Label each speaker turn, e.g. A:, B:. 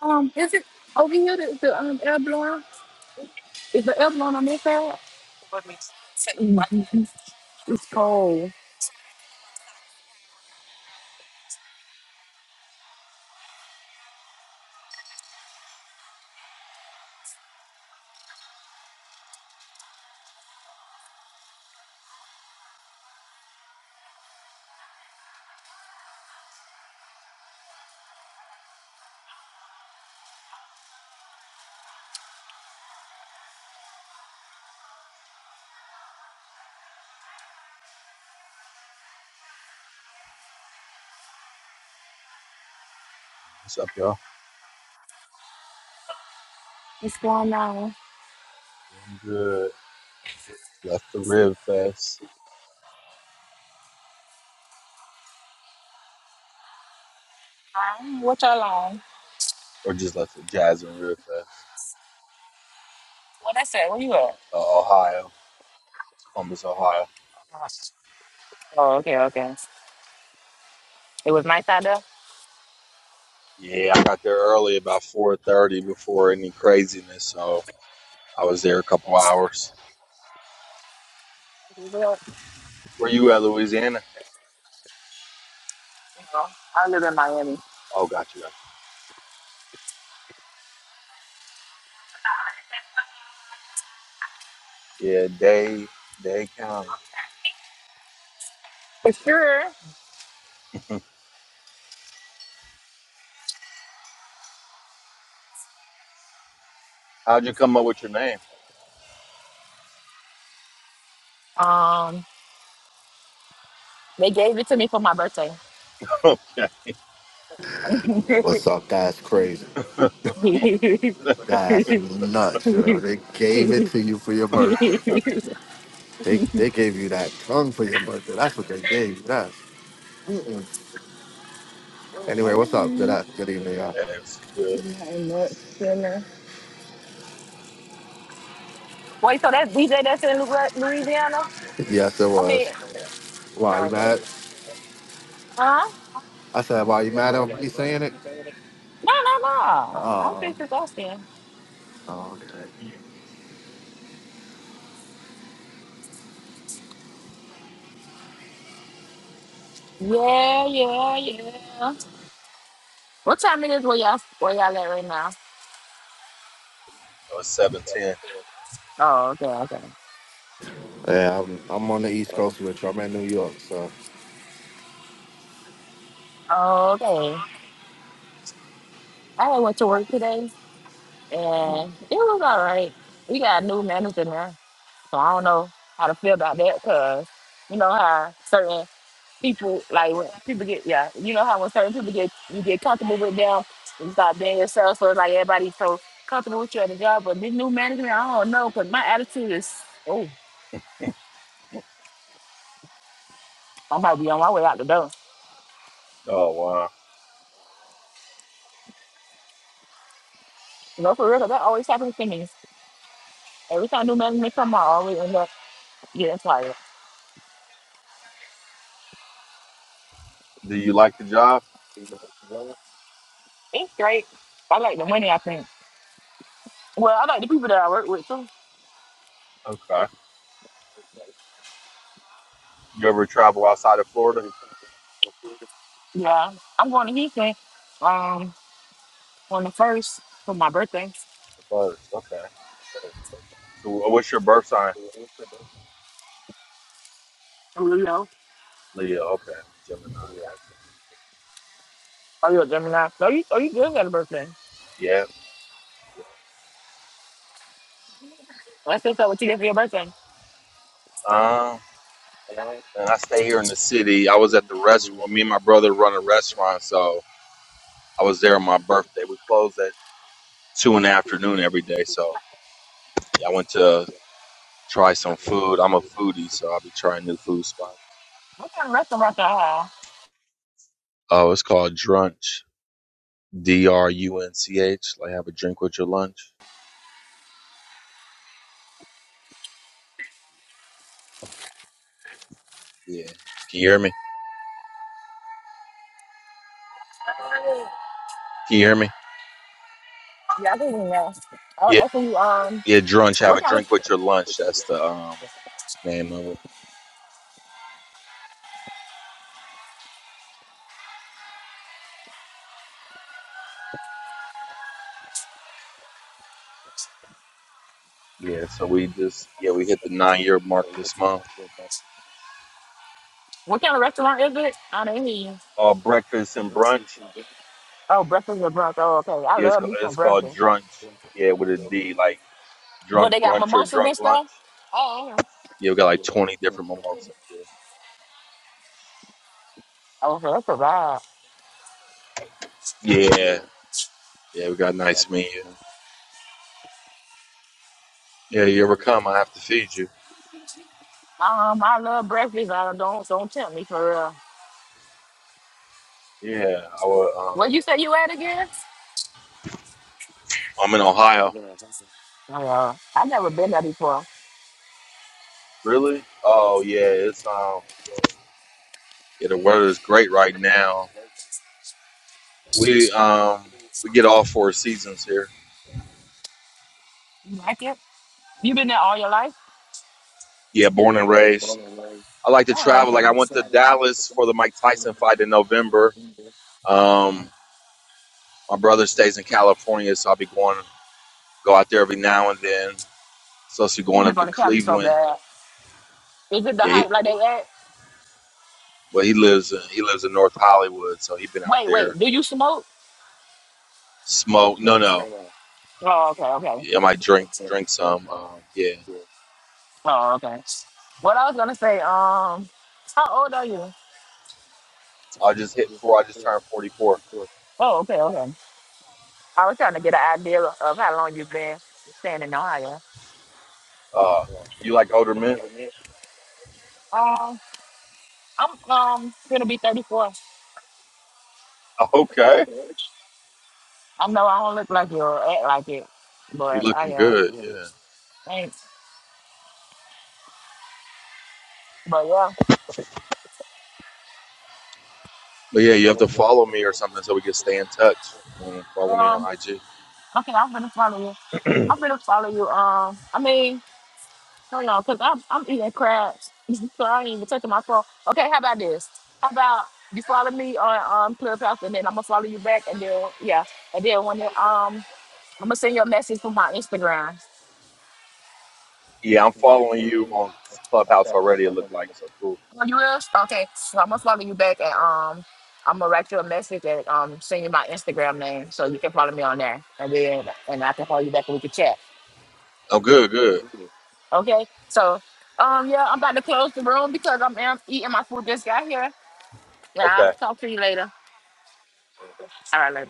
A: Um, is it over here? The, the um, airborne is the airborne on this side? Mhm. It's cold.
B: What's up, y'all?
A: What's going on?
B: Doing good. Just left the Rib Fest,
A: Um, what y'all on?
B: or just left the Jazz and Rib Fest,
A: What I said? Where you at?
B: uh, Ohio, Columbus, Ohio.
A: Oh, okay, okay. It was nice out there.
B: Yeah, I got there early, about four thirty, before any craziness. So I was there a couple hours.
A: Well,
B: Where you at, Louisiana?
A: you know, I live in Miami.
B: Oh, gotcha, gotcha. Yeah, Day Day County.
A: For sure.
B: How'd you come up with your name?
A: Um, they gave it to me for my birthday.
B: okay,
C: What's up? That's crazy.
B: that
C: That's nuts. Yo. They gave it to you for your birthday. They they gave you that tongue for your birthday. That's what they gave you. That's. Mm-mm. Anyway, what's up? Good
A: Mm.
C: a- good evening, y'all.
B: was good.
A: Not much dinner. Wait, so that's DJ that's in Lu- Louisiana?
C: Yes, it
A: I mean,
C: was. Why you
A: okay.
C: mad?
A: Huh?
C: I said, why you mad at me saying it?
A: No, no, no. I'm
C: Oh,
A: just exhausted.
C: okay.
A: Yeah, yeah, yeah. What time it is where y'all where y'all at right now?
B: I was seven ten.
A: Oh, okay, okay.
C: Yeah, I'm I'm on the East Coast with you. I'm in New York, so.
A: Oh, Okay. I went to work today and it was all right. We got a new manager now. So I don't know how to feel about that because you know how certain people like when people get yeah, you know how when certain people get you get comfortable with them and start being yourself. So it's like everybody's so comfortable with you at the job, but this new management, I don't know, because my attitude is oh, I might be on my way out the door.
B: Oh wow.
A: You know, for real, 'cause that always happens to me. Every time new management come, I always end up getting fired.
B: Do you like the job?
A: It's great. I like the money. I think. Well, I like the people that I work with too.
B: Okay. You ever travel outside of Florida?
A: Yeah, I'm going to Houston um on the first for my birthday.
B: First, okay. So uh, what's your birth sign?
A: Oh, you know.
B: Leo. Okay, Gemini.
A: Oh, you're a Gemini. No, you, oh, you good at a birthday.
B: Yeah.
A: Let's look up what you did for your birthday.
B: Um, and I stay here in the city. I was at the restaurant. Me and my brother run a restaurant, so I was there on my birthday. We close at two in the afternoon every day. So yeah, I went to try some food. I'm a foodie, so I'll be trying new food spots.
A: What kind of restaurant y'all have?
B: Oh, it's called Drunch. D R U N C H. Like have a drink with your lunch. Yeah. Can you hear me? Can you hear me?
A: Yeah, I think we know. Oh,
B: Yeah.
A: that's what you um.
B: Yeah. Drunch. Have
A: What
B: a
A: kind
B: drink
A: of
B: with your lunch. That's the um name of it. Yeah, so we just yeah we hit the nine year mark this month.
A: what kind of restaurant is it? I don't hear you.
B: Uh, breakfast and brunch.
A: Oh, breakfast with brunch. Oh, okay. I
B: Yeah, it's
A: love
B: called,
A: me some
B: it's called
A: breakfast.
B: drunch. Yeah, with a D, like
A: But
B: drunk
A: they got
B: brunch or
A: mimosas
B: drunk
A: and stuff.
B: lunch.
A: Oh, okay.
B: Yeah, we got like twenty different mimosas. Yeah,
A: Oh, so that's a vibe.
B: yeah, yeah we got a nice menu. Yeah, you ever come? I have to feed you.
A: Um, I love breakfast. I don't so don't tempt me for real.
B: Yeah, I will, um,
A: Where you say you at again?
B: I'm in Ohio.
A: Oh, uh, I never been there before.
B: Really? Oh yeah, it's um yeah the weather is great right now. We um we get all four seasons here.
A: You like it? You been there all your life?
B: Yeah, born and raised. I like to
A: Oh,
B: travel. Like I went to
A: okay.
B: Dallas for the Mike Tyson fight in November. Um, my brother stays in California, so I'll be going go out there every now and then. So she's
A: I'm
B: going
A: gonna
B: up
A: go
B: to
A: to Cali so
B: Cleveland.
A: bad. Is it the
B: Yeah, he,
A: hype like they at?
B: well he lives in he lives in North Hollywood, so he been out
A: Wait, wait.
B: there
A: Do you smoke?
B: smoke. No, no,
A: Oh, okay, okay.
B: yeah, I might drink drink some. Um, yeah,
A: Oh, okay. What I was gonna say, um, how old are you?
B: I just hit four. I just turned forty four.
A: Oh, okay, okay. I was trying to get an idea of how long you've been staying in Ohio.
B: Uh, you like older men?
A: Um, I'm um gonna be 34.
B: Okay,
A: I know I don't look like you or act like it,
B: you
A: but I
B: looking
A: am.
B: good. Yeah,
A: thanks. But yeah,
B: but yeah, you have to follow me or something so we can stay in touch. Um, follow me
A: um,
B: on IG.
A: okay, I'm gonna follow you. I'm gonna follow you. Um, I mean. Hold on, because I'm, I'm eating crabs. so I ain't even touching my phone. Okay, how about this? How about you follow me on um, Clubhouse and then I'm going to follow you back. And then, yeah. And then when it, um, I'm going to send you a message from my Instagram.
B: Yeah, I'm following you on Clubhouse already. It looked like so cool.
A: Oh, you will? Okay. So I'm going to follow you back and um, I'm going to write you a message and um, send you my Instagram name so you can follow me on there. And then and I can follow you back and we can chat.
B: Oh, good, good.
A: Okay? So, um, yeah, I'm about to close the room because I'm am- eating my food. Just got here. Yeah,
B: Okay.
A: I'll talk to you later. All right, later.